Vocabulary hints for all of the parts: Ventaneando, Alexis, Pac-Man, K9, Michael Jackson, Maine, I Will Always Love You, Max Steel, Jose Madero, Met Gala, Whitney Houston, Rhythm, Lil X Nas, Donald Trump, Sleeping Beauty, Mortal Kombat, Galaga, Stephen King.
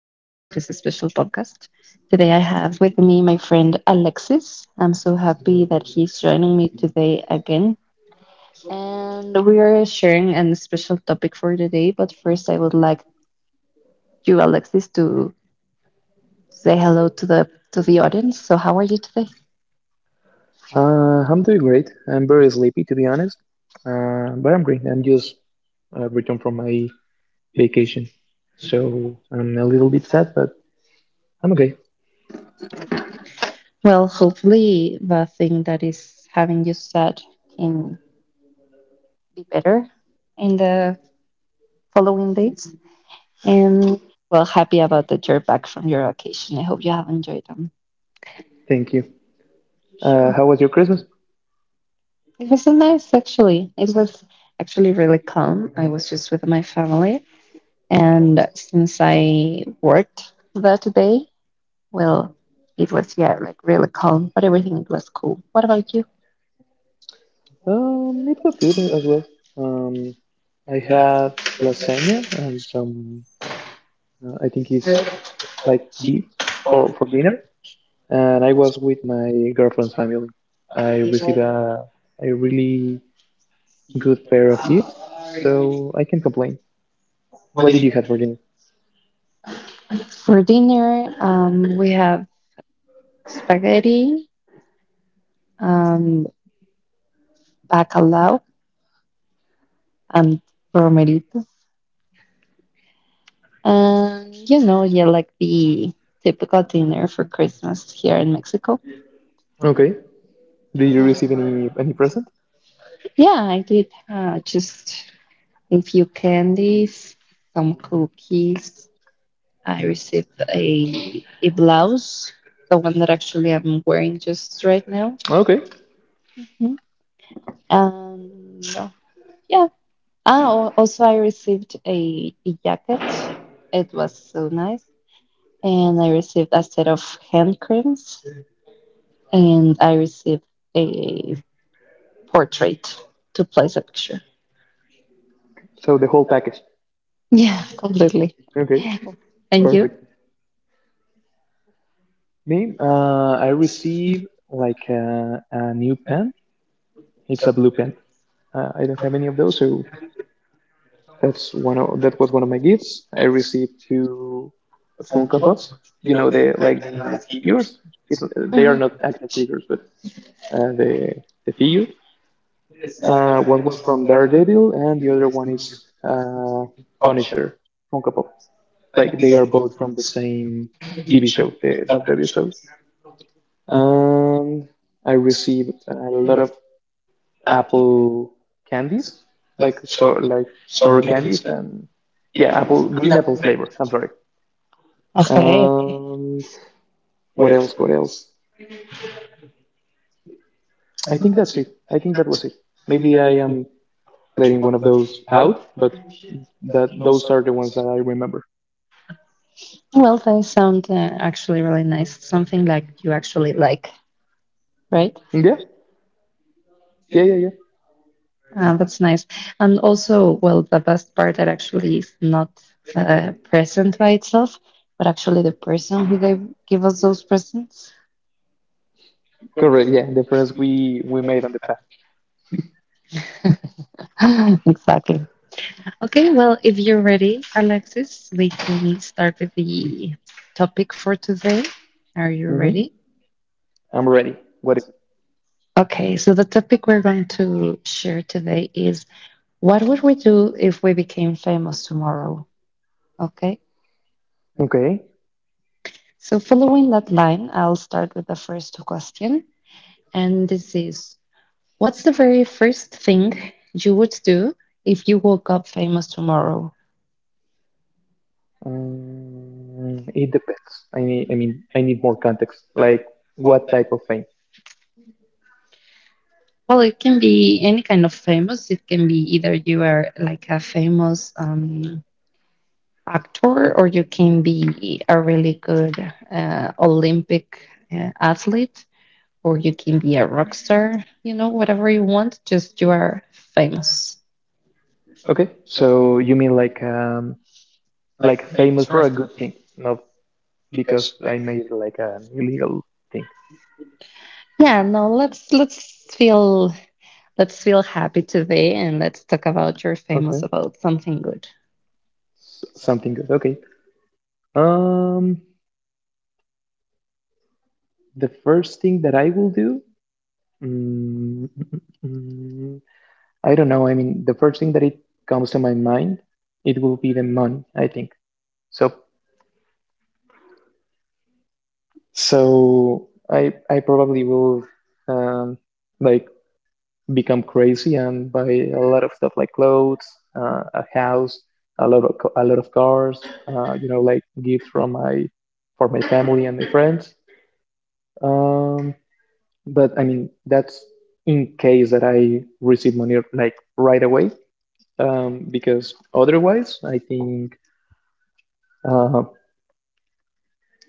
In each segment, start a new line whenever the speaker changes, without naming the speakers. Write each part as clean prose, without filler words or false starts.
this special podcast. Today I have with me my friend Alexis. I'm so happy that he's joining me today again. And we are sharing a special topic for today, but first I would like you Alexis to say hello to the audience. So how are you today?
I'm doing great. I'm very sleepy, to be honest. But I'm great. I'm just returned from my vacation, so I'm a little bit sad, but I'm okay.
Well, hopefully the thing that is having you sad can be better in the following days. And well, happy about that you're back from your vacation. I hope you have enjoyed them.
Thank you.
Sure.
How was your Christmas?
It was so nice, actually. It was actually really calm. I was just with my family. And since I worked that day, well, it was, yeah, like really calm, but everything was cool. What about you?
It was good as well. Um, I had lasagna and some. I think it's like beef for dinner, and I was with my girlfriend's family. I received a really good pair of gifts, so I can not complain. What did you have for dinner?
For dinner, we have spaghetti, um, bacalao, and bromelito. You know, yeah, like the typical dinner for Christmas here in Mexico.
Okay. Did you
Uh,
receive any present?
yeah, I did just a few candies, some cookies. I received a blouse, the one that actually I'm wearing just right now.
Okay.
Mhm. Um, yeah. Ah, also I received a jacket. It was so nice, and I received a set of hand creams. And I received a portrait to place a picture.
So the whole package.
Yeah, completely.
Okay.
And you?
Perfect. Me, I received like a new pen. It's a blue pen. I don't have any of those, so that was one of my gifts. I received two Funko Pops. You know the like the figures. It's they are
Mhm.
not action figures, but uh, the the figures. One was from Daredevil, and the other one is Punisher Funko Pop. Like they are both from the same TV show, the WWE show. And I receive a lot of apple candies, like so like sour candies and yeah, apple green apple flavor. I'm sorry.
Okay, okay.
And what else? What else? I think that's it. I think that was it. Maybe I am letting one of those out, but that those are the ones that I remember.
Well, they sound actually really nice. Something like you actually like, right?
Yeah, yeah, yeah, yeah.
That's nice. And also, well, the best part that actually is not present by itself, but actually the person who gave give us those presents.
Correct. Yeah, the friends we made on the path.
Exactly. Okay, well, if you're ready, Alexis, we can start with the topic for today. Are you
Hmm.
ready?
I'm ready. What is
Okay, so the topic we're going to share today is, what would we do if we became famous tomorrow? Okay,
it? Okay.
so following that line, I'll start with the first question. And this is, what's the very first thing you would do if you woke up famous tomorrow?
Mm, it depends. I need, I mean, I need more context. Like, what type of fame?
Well, it can be any kind of famous. It can be either you are like a famous actor, or you can be a really good Olympic athlete, or you can be a rock star, you know, whatever you want, just you are famous.
Okay, so you mean like famous for a good thing, not because I made like an illegal thing.
Yeah, no, let's feel happy today and let's talk about your
Okay,
famous about something good.
S something good. Okay. Um, the first thing that I will do, mm, mm, I don't know. I mean, the first thing that it comes to my mind, it will be the money, I think. So So I probably will um, like become crazy and buy a lot of stuff like clothes, a house, a lot of cars. You know, like gifts from my for my family and my friends. Um, but I mean that's in case that I receive money like right away. Because otherwise, I think. Uh.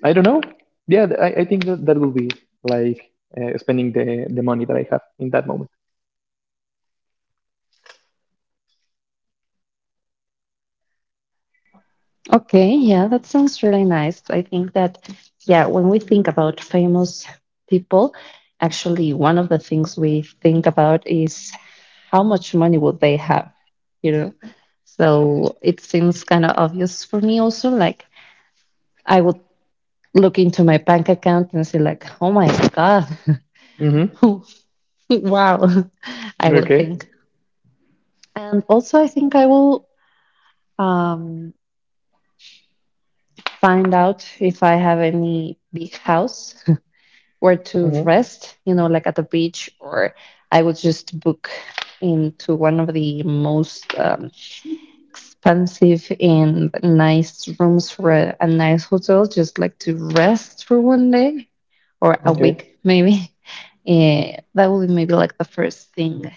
I don't know. I think that that will be like spending the money that I have in that moment.
Okay, yeah, that sounds really nice. I think that, yeah, when we think about famous people, actually, one of the things we think about is how much money would they have, you know? So it seems kind of obvious for me also. Like, I would look into my bank account and say, like, oh my God,
Mm-hmm.
wow, I would
Okay.
think. And also, I think I will um, find out if I have any big house where to
Mm-hmm.
rest, you know, like at the beach, or I would just book into one of the most expensive and nice rooms for a nice hotel, just like to rest for one day or a
Okay.
week, maybe. Eh, that would be maybe like the first thing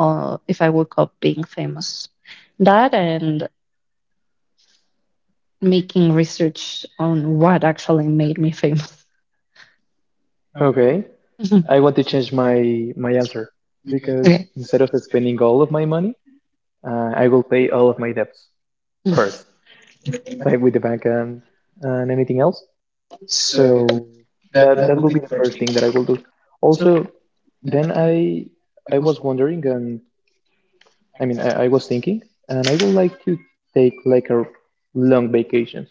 if I woke up being famous. That and making research on what actually made me famous.
Okay. I want to change my answer because
Okay.
instead of spending all of my money, I will pay all of my debts first, like with the bank and anything else. So that will be the first thing that I will do. Also, then I was wondering, and I was thinking, and I would like to take like a long vacations,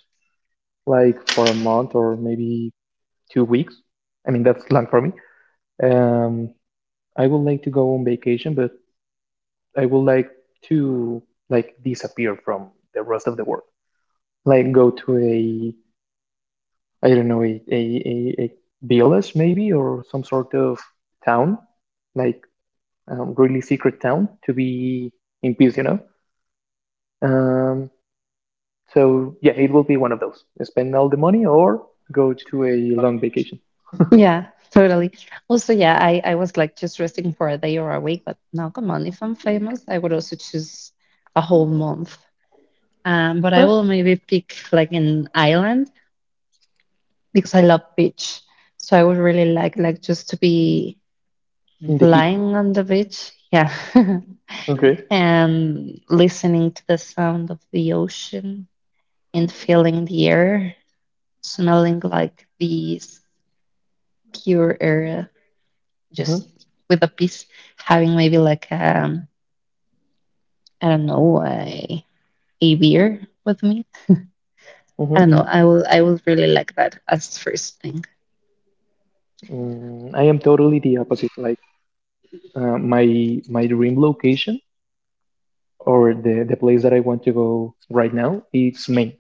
like for a month or maybe 2 weeks. I mean, that's long for me. Um, I would like to go on vacation, but I would like to like disappear from the rest of the world. Like go to a, I don't know, a village maybe or some sort of town, like really secret town to be in peace, you know? Um, So yeah, it will be one of those. Spend all the money or go to a long vacation.
Yeah, totally. Also, yeah, I was like just resting for a day or a week, but now come on, if I'm famous, I would also choose a whole month. But I
Huh?
will maybe pick like an island because I love beach. So I would really like just to be
In the heat.
lying on the beach, yeah,
Okay.
and listening to the sound of the ocean and feeling the air, smelling like the pure air
Mm-hmm.
just with a piece, having maybe like I don't know a beer with me. I
Mm-hmm.
don't know. I will really like that as first thing.
Mm, I am totally the opposite. Like my dream location or the place that I want to go right now, it's Maine.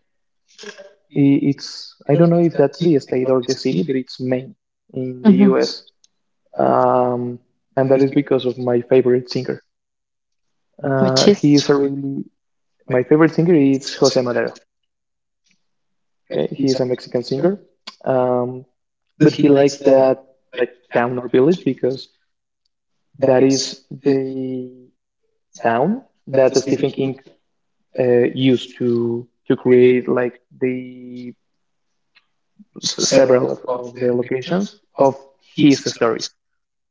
I- It's I don't know if that's the state or the city, but it's Maine in the
Mhm.
U.S. Um, and that is because of my favorite singer.
Which is
He is a really my favorite singer is Jose Madero. Okay, he is a Mexican singer, um, but he likes that like town or village because that is the town that Stephen King used to create like the several of the locations of his stories.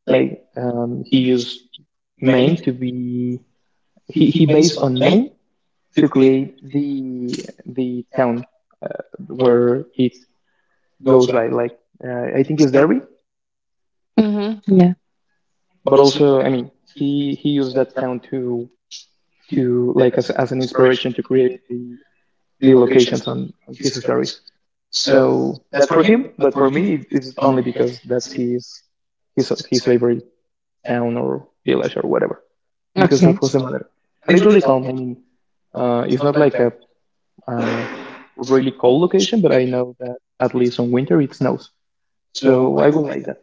Like he used Maine to be he based on Maine to create the town uh, where it goes by. Like I think it's Derry,
Mhm, yeah
but also I mean he used that town to like as an inspiration to create the locations on his stories, so that's for him, but for me, it's only because that's his favorite town or village or whatever because of
okay.
Jose Madero. And it's really calm. I mean it's not like a, uh really cold location, but I know that at least on winter it snows, so I will like that.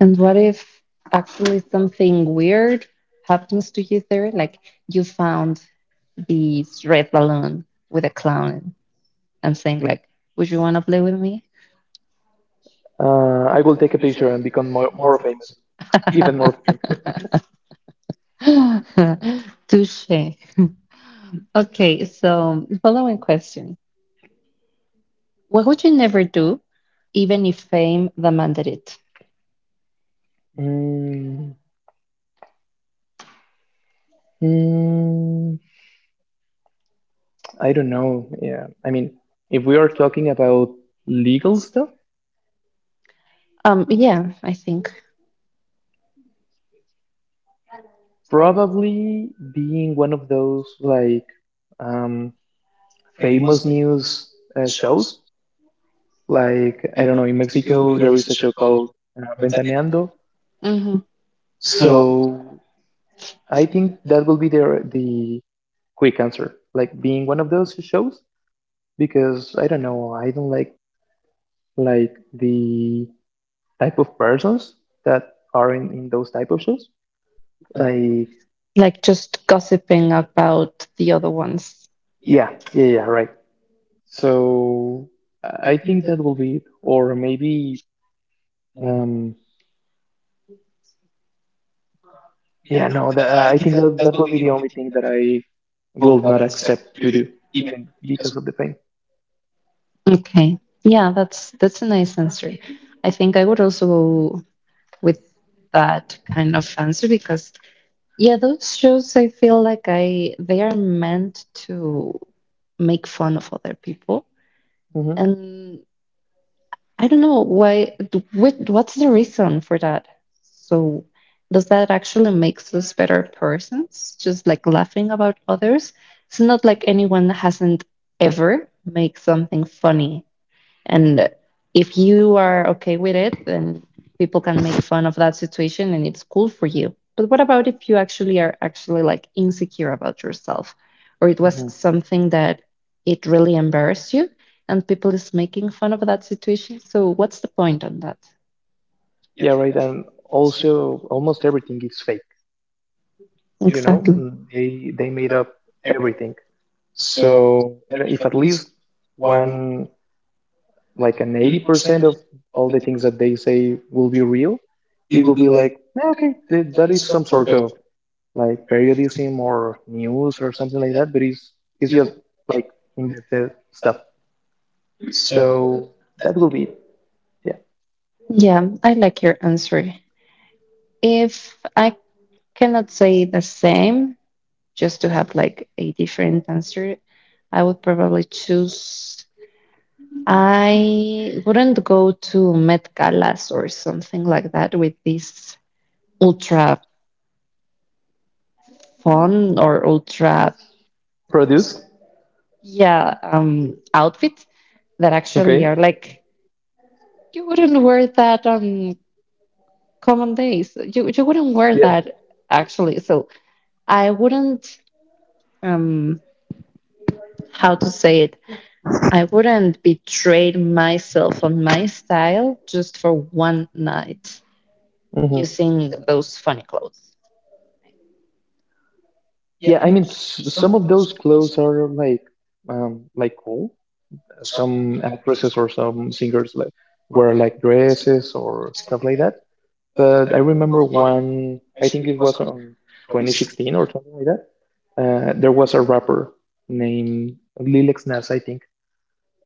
And what if actually something weird happens to you there? Like you found this red balloon with a clown and saying like, "Would you want to play with me?"
I will take a picture and become more famous, even more famous.
Touche. Okay, so following question. What would you never do, even if fame demanded it?
Mm, mm, I don't know. Yeah. I mean, if we are talking about legal stuff,
Yeah, I think.
probably being one of those like um, famous news shows. Like, I don't know, in Mexico, there is a show called Ventaneando.
Hmm.
So I think that will be the quick answer. Like being one of those shows, because I don't know, I don't like the type of persons that are in those type of shows. Like,
Like just gossiping about the other ones.
yeah, yeah, yeah, right. So I think that will be it. Or maybe, um, yeah, no, that, I think that will be the only thing that I will not accept to do, even because of the fame.
Okay. Yeah, that's a nice answer. I think I would also go with that kind of answer because yeah, those shows I feel like I they are meant to make fun of other people.
Hmm.
And I don't know why. What, what's the reason for that? So, does that actually makes us better persons? Just like laughing about others. It's not like anyone hasn't ever made something funny and if you are okay with it, then people can make fun of that situation and it's cool for you. But what about if you actually are actually like insecure about yourself or it was
Hmm.
something that it really embarrassed you and people is making fun of that situation? So what's the point on that?
Yeah, right. And also, almost everything is fake.
Yeah.
You know,
Exactly.
mm, they made up everything. So and if at least one like an 80% of all the things that they say will be real, it will be like, "Ah, okay, th- that is some sort of like periodism or news or something like that," but it's just like invented stuff, so that will be it. Yeah.
Yeah, I like your answer. If I cannot say the same, just to have like a different answer, I would probably choose I wouldn't go to Met Galas or something like that with this ultra fun or ultra,
Produced.
yeah, outfits that actually
Okay.
are like, you wouldn't wear that on common days. You wouldn't wear
Yeah.
that actually. So I wouldn't, um, how to say it, I wouldn't betray myself on my style just for one night
Hmm.
using those funny clothes.
Yeah, I mean s- some of those clothes are like cool. Some actresses or some singers like wear like dresses or stuff like that. But I remember one, I think it was on 2016 or something like that. There was a rapper named Lil X Nas, I think.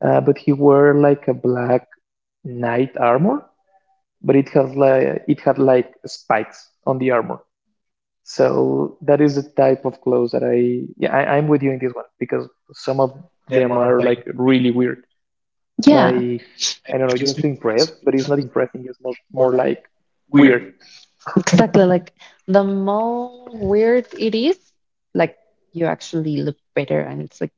But he wore like a black knight armor, but it had like spikes on the armor. So that is the type of clothes that I yeah I'm with you in this one because some of them are like really weird.
Yeah,
Like I don't know, just impressed, but it's not impressing. It's more like weird.
exactly. Like the more weird it is, like you actually look better. And it's like,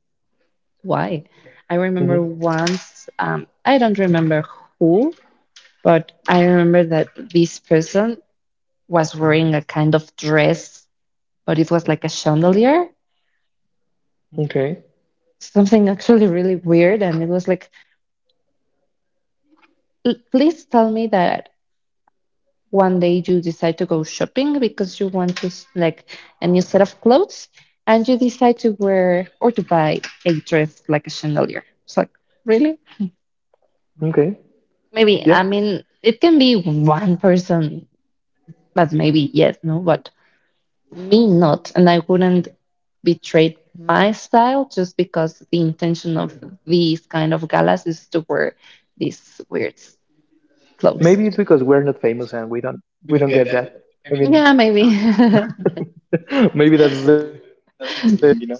why? I
Hmm.
remember once, I don't remember who, but I remember that this person was wearing a kind of dress, but it was like a chandelier,
Okay.
something actually really weird. And it was like, Please tell me that one day you decide to go shopping because you want just like a new set of clothes and you decide to wear or to buy a dress like a chandelier." It's like, really?
Okay.
Maybe,
Yeah,
I mean, it can be one person, but maybe yes, no, but me not. And I wouldn't betray my style just because the intention of these kind of galas is to wear these weird
maybe
clothes.
it's because we're not famous and we don't get that. I mean,
Yeah, maybe.
maybe that's the that's missing, you know.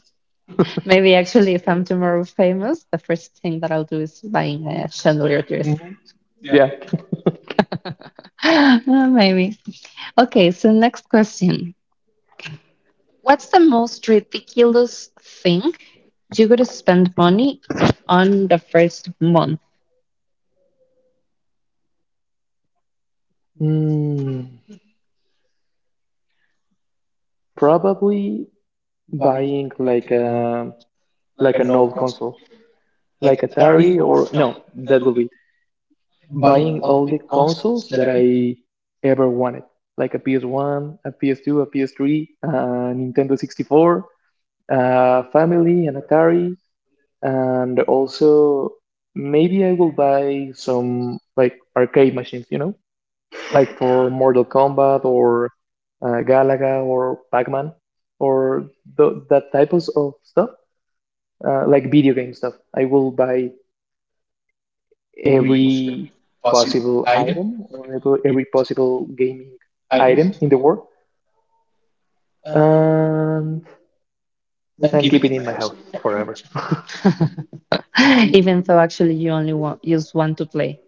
Maybe actually, if I'm tomorrow famous, the first thing that I'll do is buying a chandelier dress.
Mhm. Yeah.
Uh, maybe. Okay, so next question. What's the most ridiculous thing you could spend money on the first month,
Mm, probably buying like a like an old console, like Atari or no, that will be buying all the consoles that I ever wanted, like a PS1, a PS2, a PS3, a Nintendo 64, a family, an Atari. And also, maybe I will buy some like arcade machines, you know, like for Mortal Kombat or Galaga or Pac-Man or th that type of stuff, like video game stuff. I will buy every possible item or every possible gaming item in the world and and keep it in my house forever.
even though actually you only want, use one to play?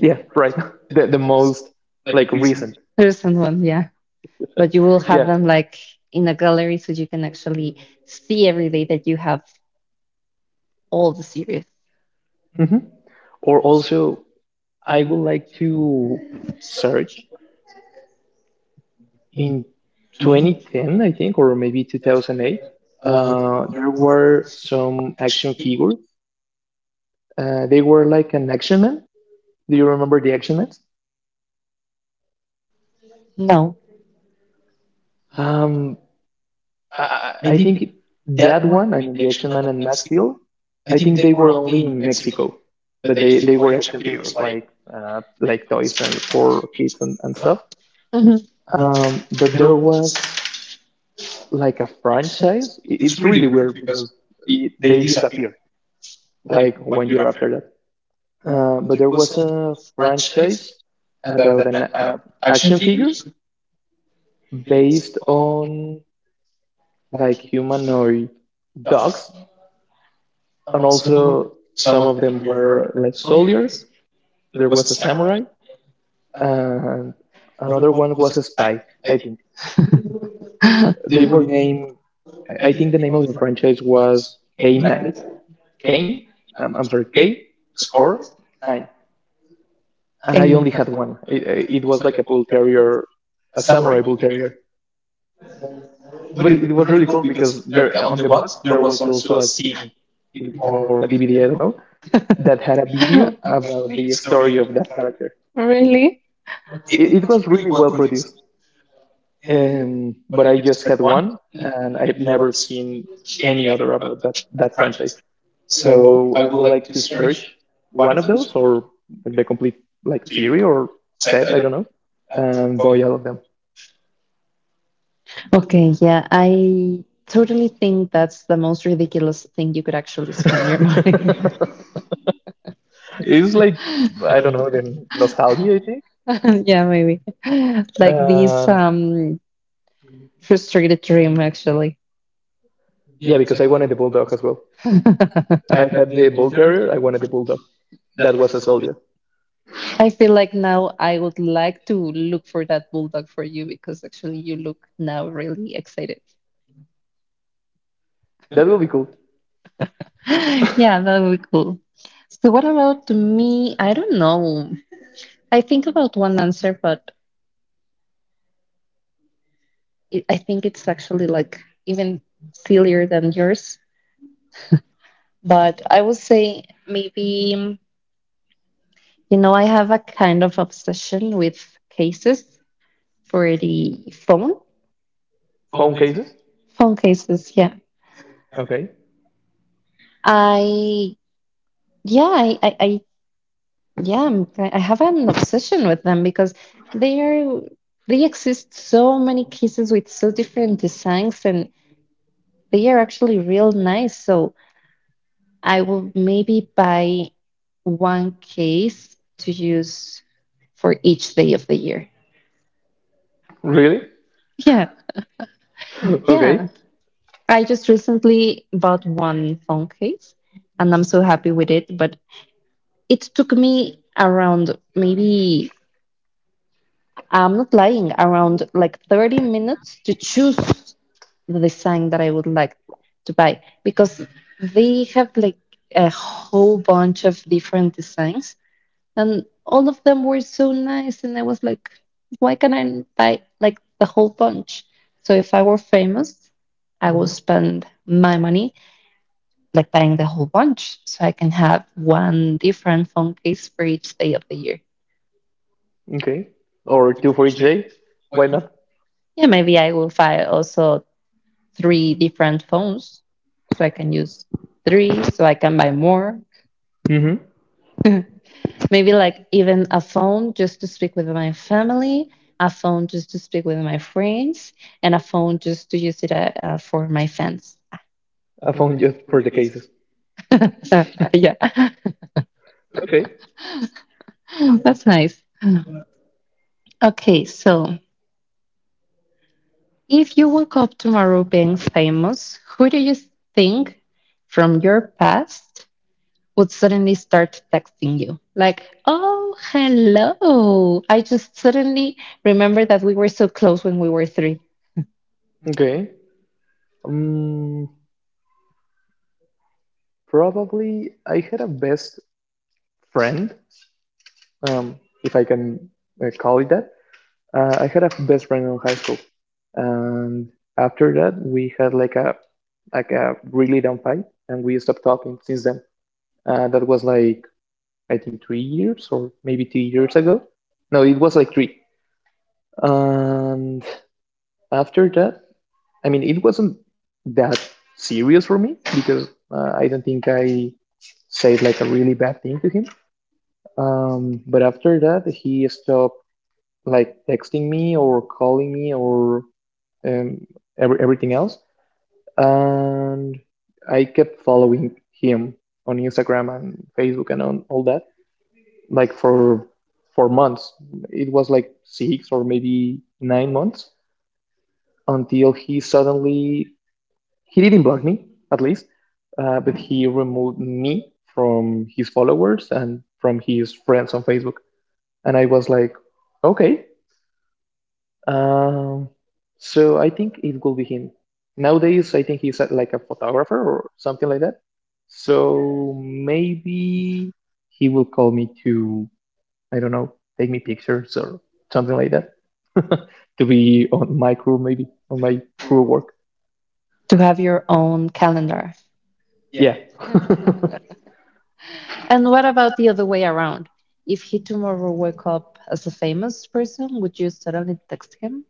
Yeah, right. The most like recent.
There's one, yeah. But you will have
Yeah.
them like in a gallery so you can actually see every day that you have all the series.
Hmm. Or also, I would like to search in 2010, I think, or maybe 2008. There were some action figures. They were like an action man. Do you remember the action man?
No.
Um, I think that one, I mean, the action man and Max Steel, I think they were only in Mexico, but they were action figures like toys and for kids and stuff.
Mhm.
But there was like a franchise. I- It's really weird because it- they disappear like 1 year after that. But there was a franchise about an action figure based on like humanoid dogs, and also some of them were like soldiers. There was a samurai, and another one was a spy. I think they were named. I think the name of the franchise was K9. Kane, I'm sorry, K score, nine, and
Okay.
I only had one. It, it was like a bull terrier, a samurai bull terrier. But it was really cool because there on the box there was also a CD or a DVD, I don't know, that had a video about the story of that character.
Really?
It was really well produced. But I just had one, and I've never seen any other about that franchise. So I would like to search one of those, or the complete like series or set. I don't know, and buy all of them.
Okay, yeah, I totally think that's the most ridiculous thing you could actually spend your money.
It's like I don't know the nostalgia. I think.
Yeah, maybe. Like this
Um,
frustrated dream actually.
yeah, because I wanted the bulldog as well. I had the bull terrier. I wanted the bulldog. That was a soldier.
I feel like now I would like to look for that bulldog for you because actually you look now really excited.
That will be cool.
Yeah, that would be cool. So what about me? I don't know. I think about one answer, but it, I think it's actually like even sillier than yours. But I would say maybe, you know, I have a kind of obsession with cases for the phone,
Phone cases.
phone cases. Yeah.
Okay.
I, yeah, I yeah, I have an obsession with them because they are, they exist so many cases with so different designs and they are actually real nice. So, I will maybe buy one case to use for each day of the year.
Really?
Yeah.
Okay.
Yeah. I just recently bought one phone case and I'm so happy with it. But it took me around maybe, I'm not lying, around like 30 minutes to choose the design that I would like to buy because they have like a whole bunch of different designs and all of them were so nice and I was like, why can't I buy like the whole bunch? So if I were famous, I would spend my money like buying the whole bunch so I can have one different phone case for each day of the year.
Okay. Or two for each day? Why not?
Yeah, maybe I will buy also three different phones so I can use three so I can buy more.
Mm-hmm.
Maybe like even a phone just to speak with my family, a phone just to speak with my friends, and a phone just to use it for my fans.
A phone just for the cases.
So, yeah,
Okay.
that's nice. Okay, so if you woke up tomorrow being famous, who do you think from your past would suddenly start texting you? Like, oh, hello. I just suddenly remember that we were so close when we were three
Okay. Um, probably I had a best friend, um, if I can call it that. I had a best friend in high school, and after that we had like a really dumb fight, and we stopped talking since then. That was like I think 3 years or maybe 2 years ago. No, it was like three. And after that, I mean, it wasn't that serious for me because I don't think I said like a really bad thing to him. But after that, he stopped like texting me or calling me or um, everything else. And I kept following him on Instagram and Facebook and on all that, like for months. It was like 6 or maybe 9 months until he didn't block me at least, but he removed me from his followers and from his friends on Facebook, and I was like, okay. um, so I think it will be him. Nowadays I think he's, like a photographer or something like that. So maybe he will call me to, I don't know, take me pictures or something like that to be on my crew, maybe on my crew work.
to have your own calendar.
Yeah. i
And what about the other way around? If he tomorrow woke up as a famous person, would you suddenly text him?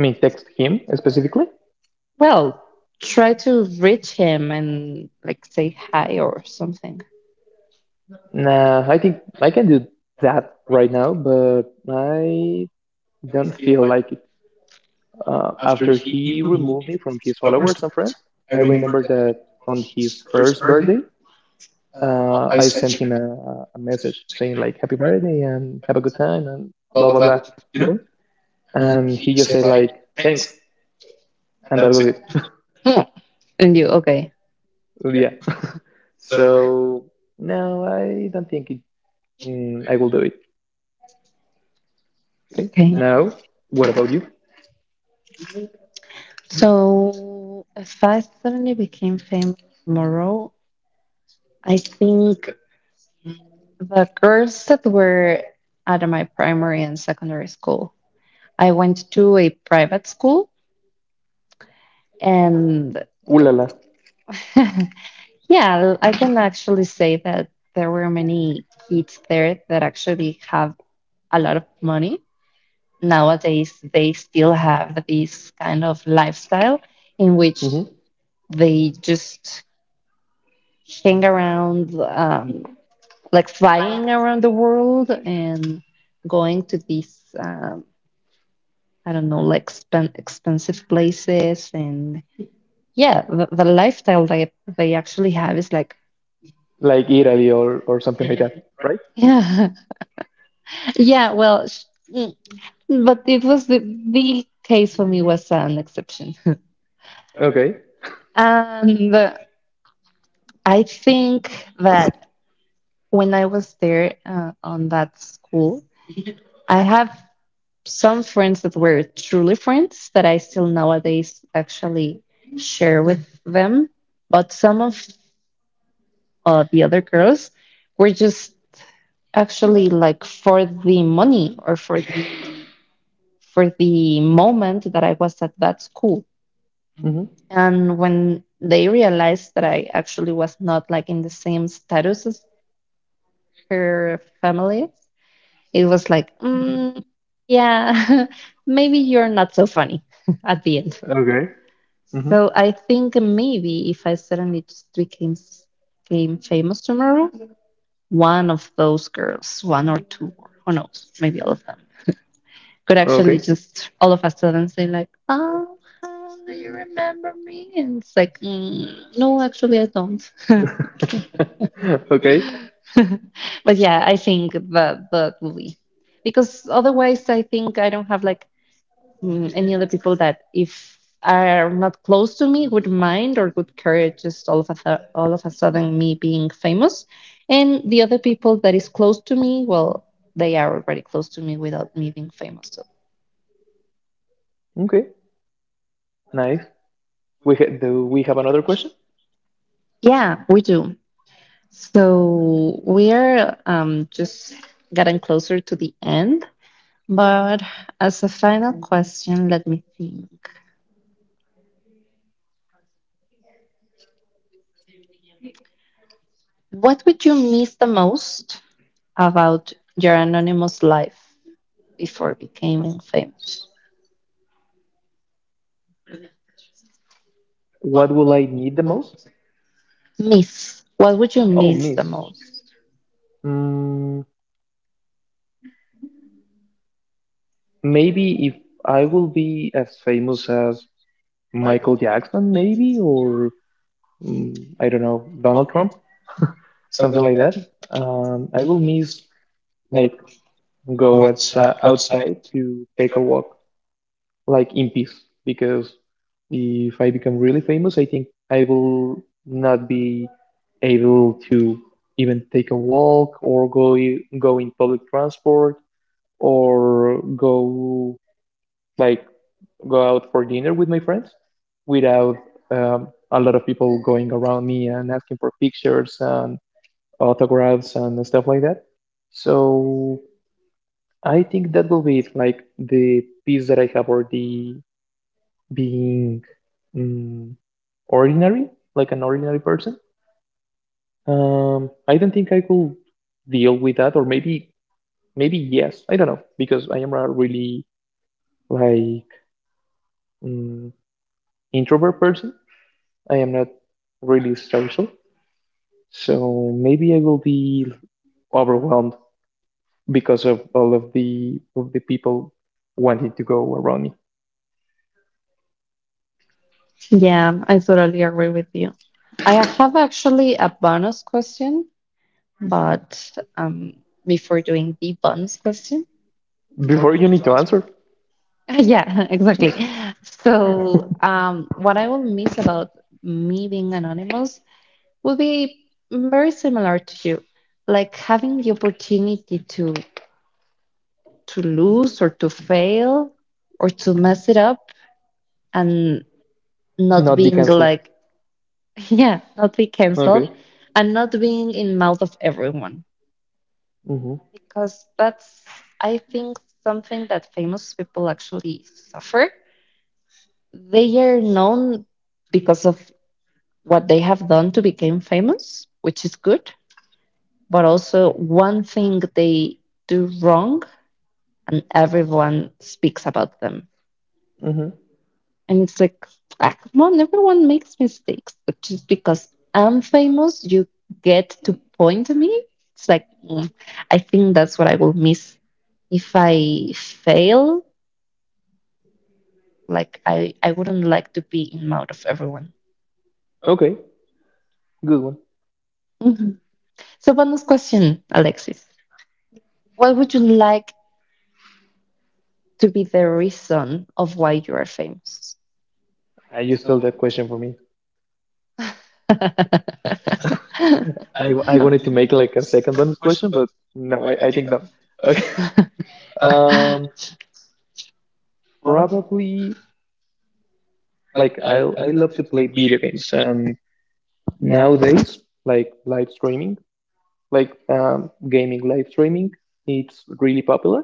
mean text him specifically?
Well, try to reach him and like say hi or something.
Nah, I think I can do that right now, but I don't feel like it. After he removed me from his followers and friends, I remember that on his first birthday, I sent him a message saying like "Happy birthday" and "Have a good time" and blah blah blah, you know. And he just said like "Thanks," and that was it.
Hmm. And you, okay.
Yeah. So no, I don't think it, I will do it. Okay.
Okay.
Now, what about you?
So if I suddenly became famous tomorrow, I think the girls that were out of my primary and secondary school, I went to a private school and
Ooh la la.
Yeah, I can actually say that there were many kids there that actually have a lot of money. Nowadays, they still have this kind of lifestyle in which they just hang around, like flying around the world and going to these, I don't know, like expensive places. And yeah, the lifestyle that they actually have is like,
Like Italy or something like that, right?
yeah, yeah, well, but it was the, case for me was an exception.
Okay.
And I think that when I was there on that school, I have some friends that were truly friends that I still nowadays actually share with them. But some of the other girls were just actually like for the money or for the moment that I was at that school.
Mm-hmm.
And when they realized that I actually was not like in the same status as her family, it was like, yeah, maybe you're not so funny at the end.
Okay. Mm-hmm.
So I think maybe if I suddenly just became famous tomorrow, one of those girls, one or two, or who knows, maybe all of them, could actually
Okay.
just all of a sudden say like, "Oh, hi, do you remember me?" And it's like, "No, actually, I don't."
Okay.
But yeah, I think the movie, because otherwise I think I don't have like any other people that if are not close to me would mind or would care just all of a sudden me being famous, and the other people that is close to me, well, they are already close to me without me being famous. So
Okay. Nice. Do we have another question?
yeah, we do. So we are just getting closer to the end. But as a final question, let me think. What would you miss the most about your anonymous life before becoming famous?
What will I need the most?
Miss. What would you
Oh,
miss the
miss.
most?
Mm, maybe if I will be as famous as Michael Jackson, maybe, or mm, I don't know, Donald Trump, something like that. I will miss like go outside, outside to take a walk like in peace because if I become really famous, I think I will not be able to even take a walk or go in public transport or go like go out for dinner with my friends without, a lot of people going around me and asking for pictures and autographs and stuff like that. So I think that will be it, like the peace that I have or the being, mm, ordinary, like an ordinary person. I don't think I could deal with that, or maybe maybe yes, I don't know, because I am a really like mm, introvert person. I am not really social, so maybe I will be overwhelmed because of all of the people wanting to go around me.
Yeah, I totally agree with you. I have actually a bonus question, but before doing the bonus question,
Before you need to answer,
yeah, exactly. So, what I will miss about me being anonymous will be very similar to you. Like having the opportunity to lose or to fail or to mess it up and Not be
not be
being canceled.
cancelled.
Like yeah, not be canceled
Okay.
and not being in mouth of everyone.
Mm-hmm.
Because that's I think something that famous people actually suffer. They are known because of what they have done to become famous, which is good, but also one thing they do wrong and everyone speaks about them.
Mm-hmm.
And it's like, ah, come on, everyone makes mistakes. But just because I'm famous, you get to point at me. It's like, I think that's what I will miss if I fail. Like, I wouldn't like to be in mouth of everyone.
Okay. Good one.
Mhm. So, bonus question, Alexis. What would you like to be the reason of why you are famous?
I you stole that question for me.
I
I
wanted
wanted
to
to
make
make
like a
like a second bonus
question,
question,
but
but no, I think no. Okay.
okay.
Um, probably like I love to play video games and nowadays like live streaming, like gaming live streaming, it's really popular.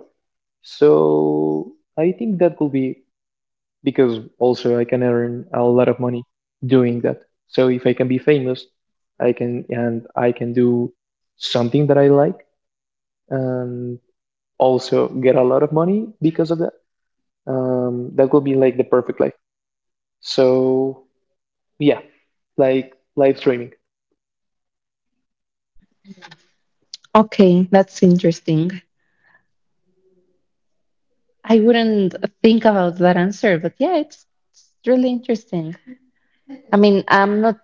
So I think that will be because also I can earn a lot of money doing that. So if I can be famous, I can and I can do something that I like and also get a lot of money because of that. That will be like the perfect life. So yeah, like live streaming.
Okay, that's interesting. I wouldn't think about that answer, but yeah, it's really interesting. I mean, I'm not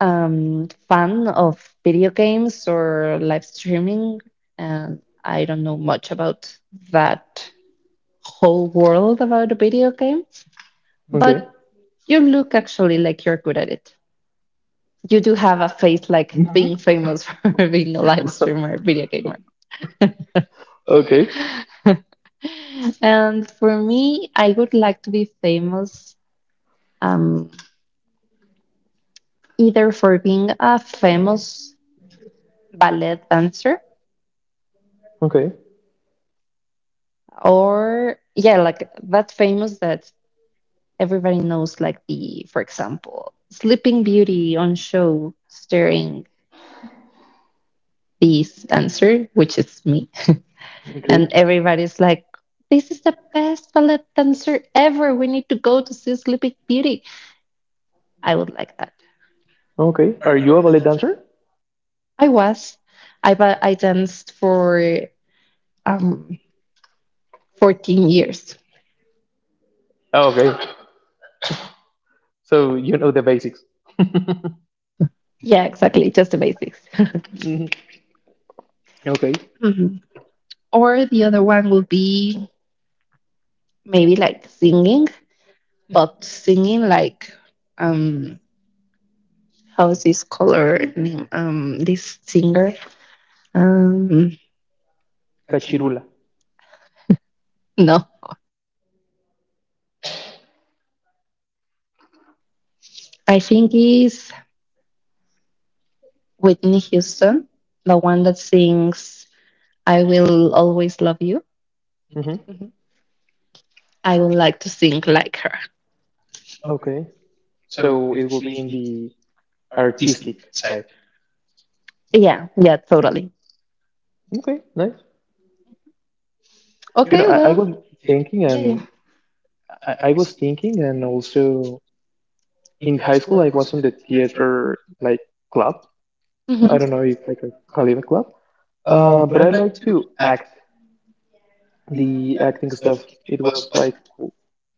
fan of video games or live streaming, and I don't know much about that whole world about the video game.
Okay.
But you look actually like you're good at it. You do have a face like
Mhm.
being famous for being a live streamer, video gamer.
Okay.
And for me, I would like to be famous um, either for being a famous ballet dancer
Okay.
or, yeah, like that famous that everybody knows, like for example, Sleeping Beauty on show starring this dancer, which is me.
Okay.
And everybody's like, this is the best ballet dancer ever. We need to go to see Sleeping Beauty. I would like that.
Okay. Are you a ballet dancer?
I was. I danced for um 14 years.
Oh, okay. So you know the basics.
Yeah, exactly, just the basics.
Hmm. Okay.
Mhm. Or the other one would be maybe like singing, but singing like um how's this color name? This singer um
Cachirula.
no, I think is Whitney Houston, the one that sings "I Will Always Love You."
Hmm.
Mhm. I would like to sing like her.
Okay. So it will be in the artistic side.
Yeah, yeah, totally.
Okay. Nice. You know,
Okay,
I
well,
was thinking,
yeah, yeah.
and I was thinking, and also in high school, I was on the theater like club.
Hmm.
I don't know if I can call it a club, but I like to act the acting stuff. It was like w-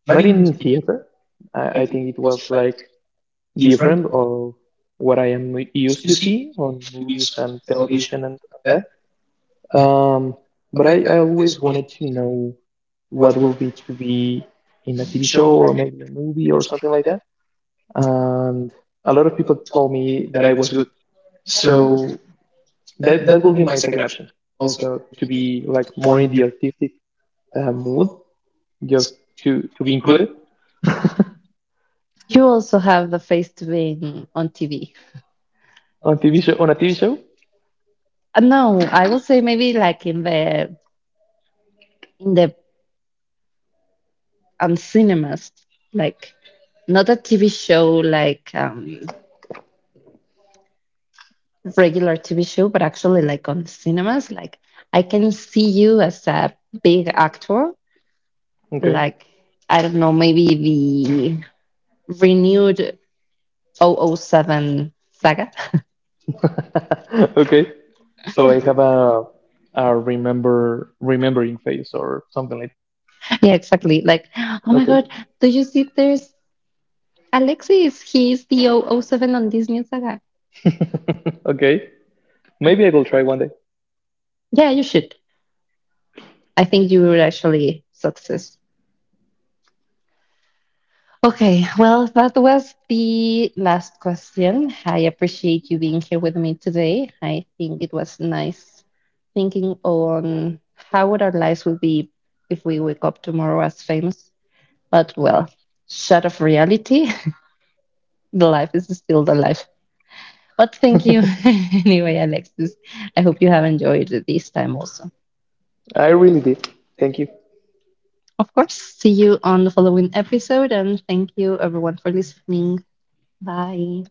Not in theater. I think it was like different of what I am used to see on movies and television and all that. But I always wanted to know what will be to be in a TV show or maybe a movie or something like that. And a lot of people told me that I was good. So that will be my second option. Also, to be like more in the artistic, mood, just to be included on
You also have the face to being on TV.
TV show on a TV show.
No, I would say maybe like in the in the cinemas, like not a TV show like regular TV show, but actually like on cinemas. Like I can see you as a big actor,
Okay,
like I don't know, maybe the renewed double oh 007 saga.
okay. So I have a remembering face or something like.
Yeah, exactly. Like, oh my
Okay,
God, do you see there's Alexis? He's the double oh 007 on this saga.
okay. Maybe I will try one day.
Yeah, you should. I think you will actually success. Okay, well, that was the last question. I appreciate you being here with me today. I think it was nice thinking on how would our lives would be if we wake up tomorrow as famous. But well, short of reality, the life is still the life. Well, thank you anyway, Alexis. I hope you have enjoyed it this time also.
I really did. Thank you.
Of course, see you on the following episode, and thank you everyone for listening. Bye.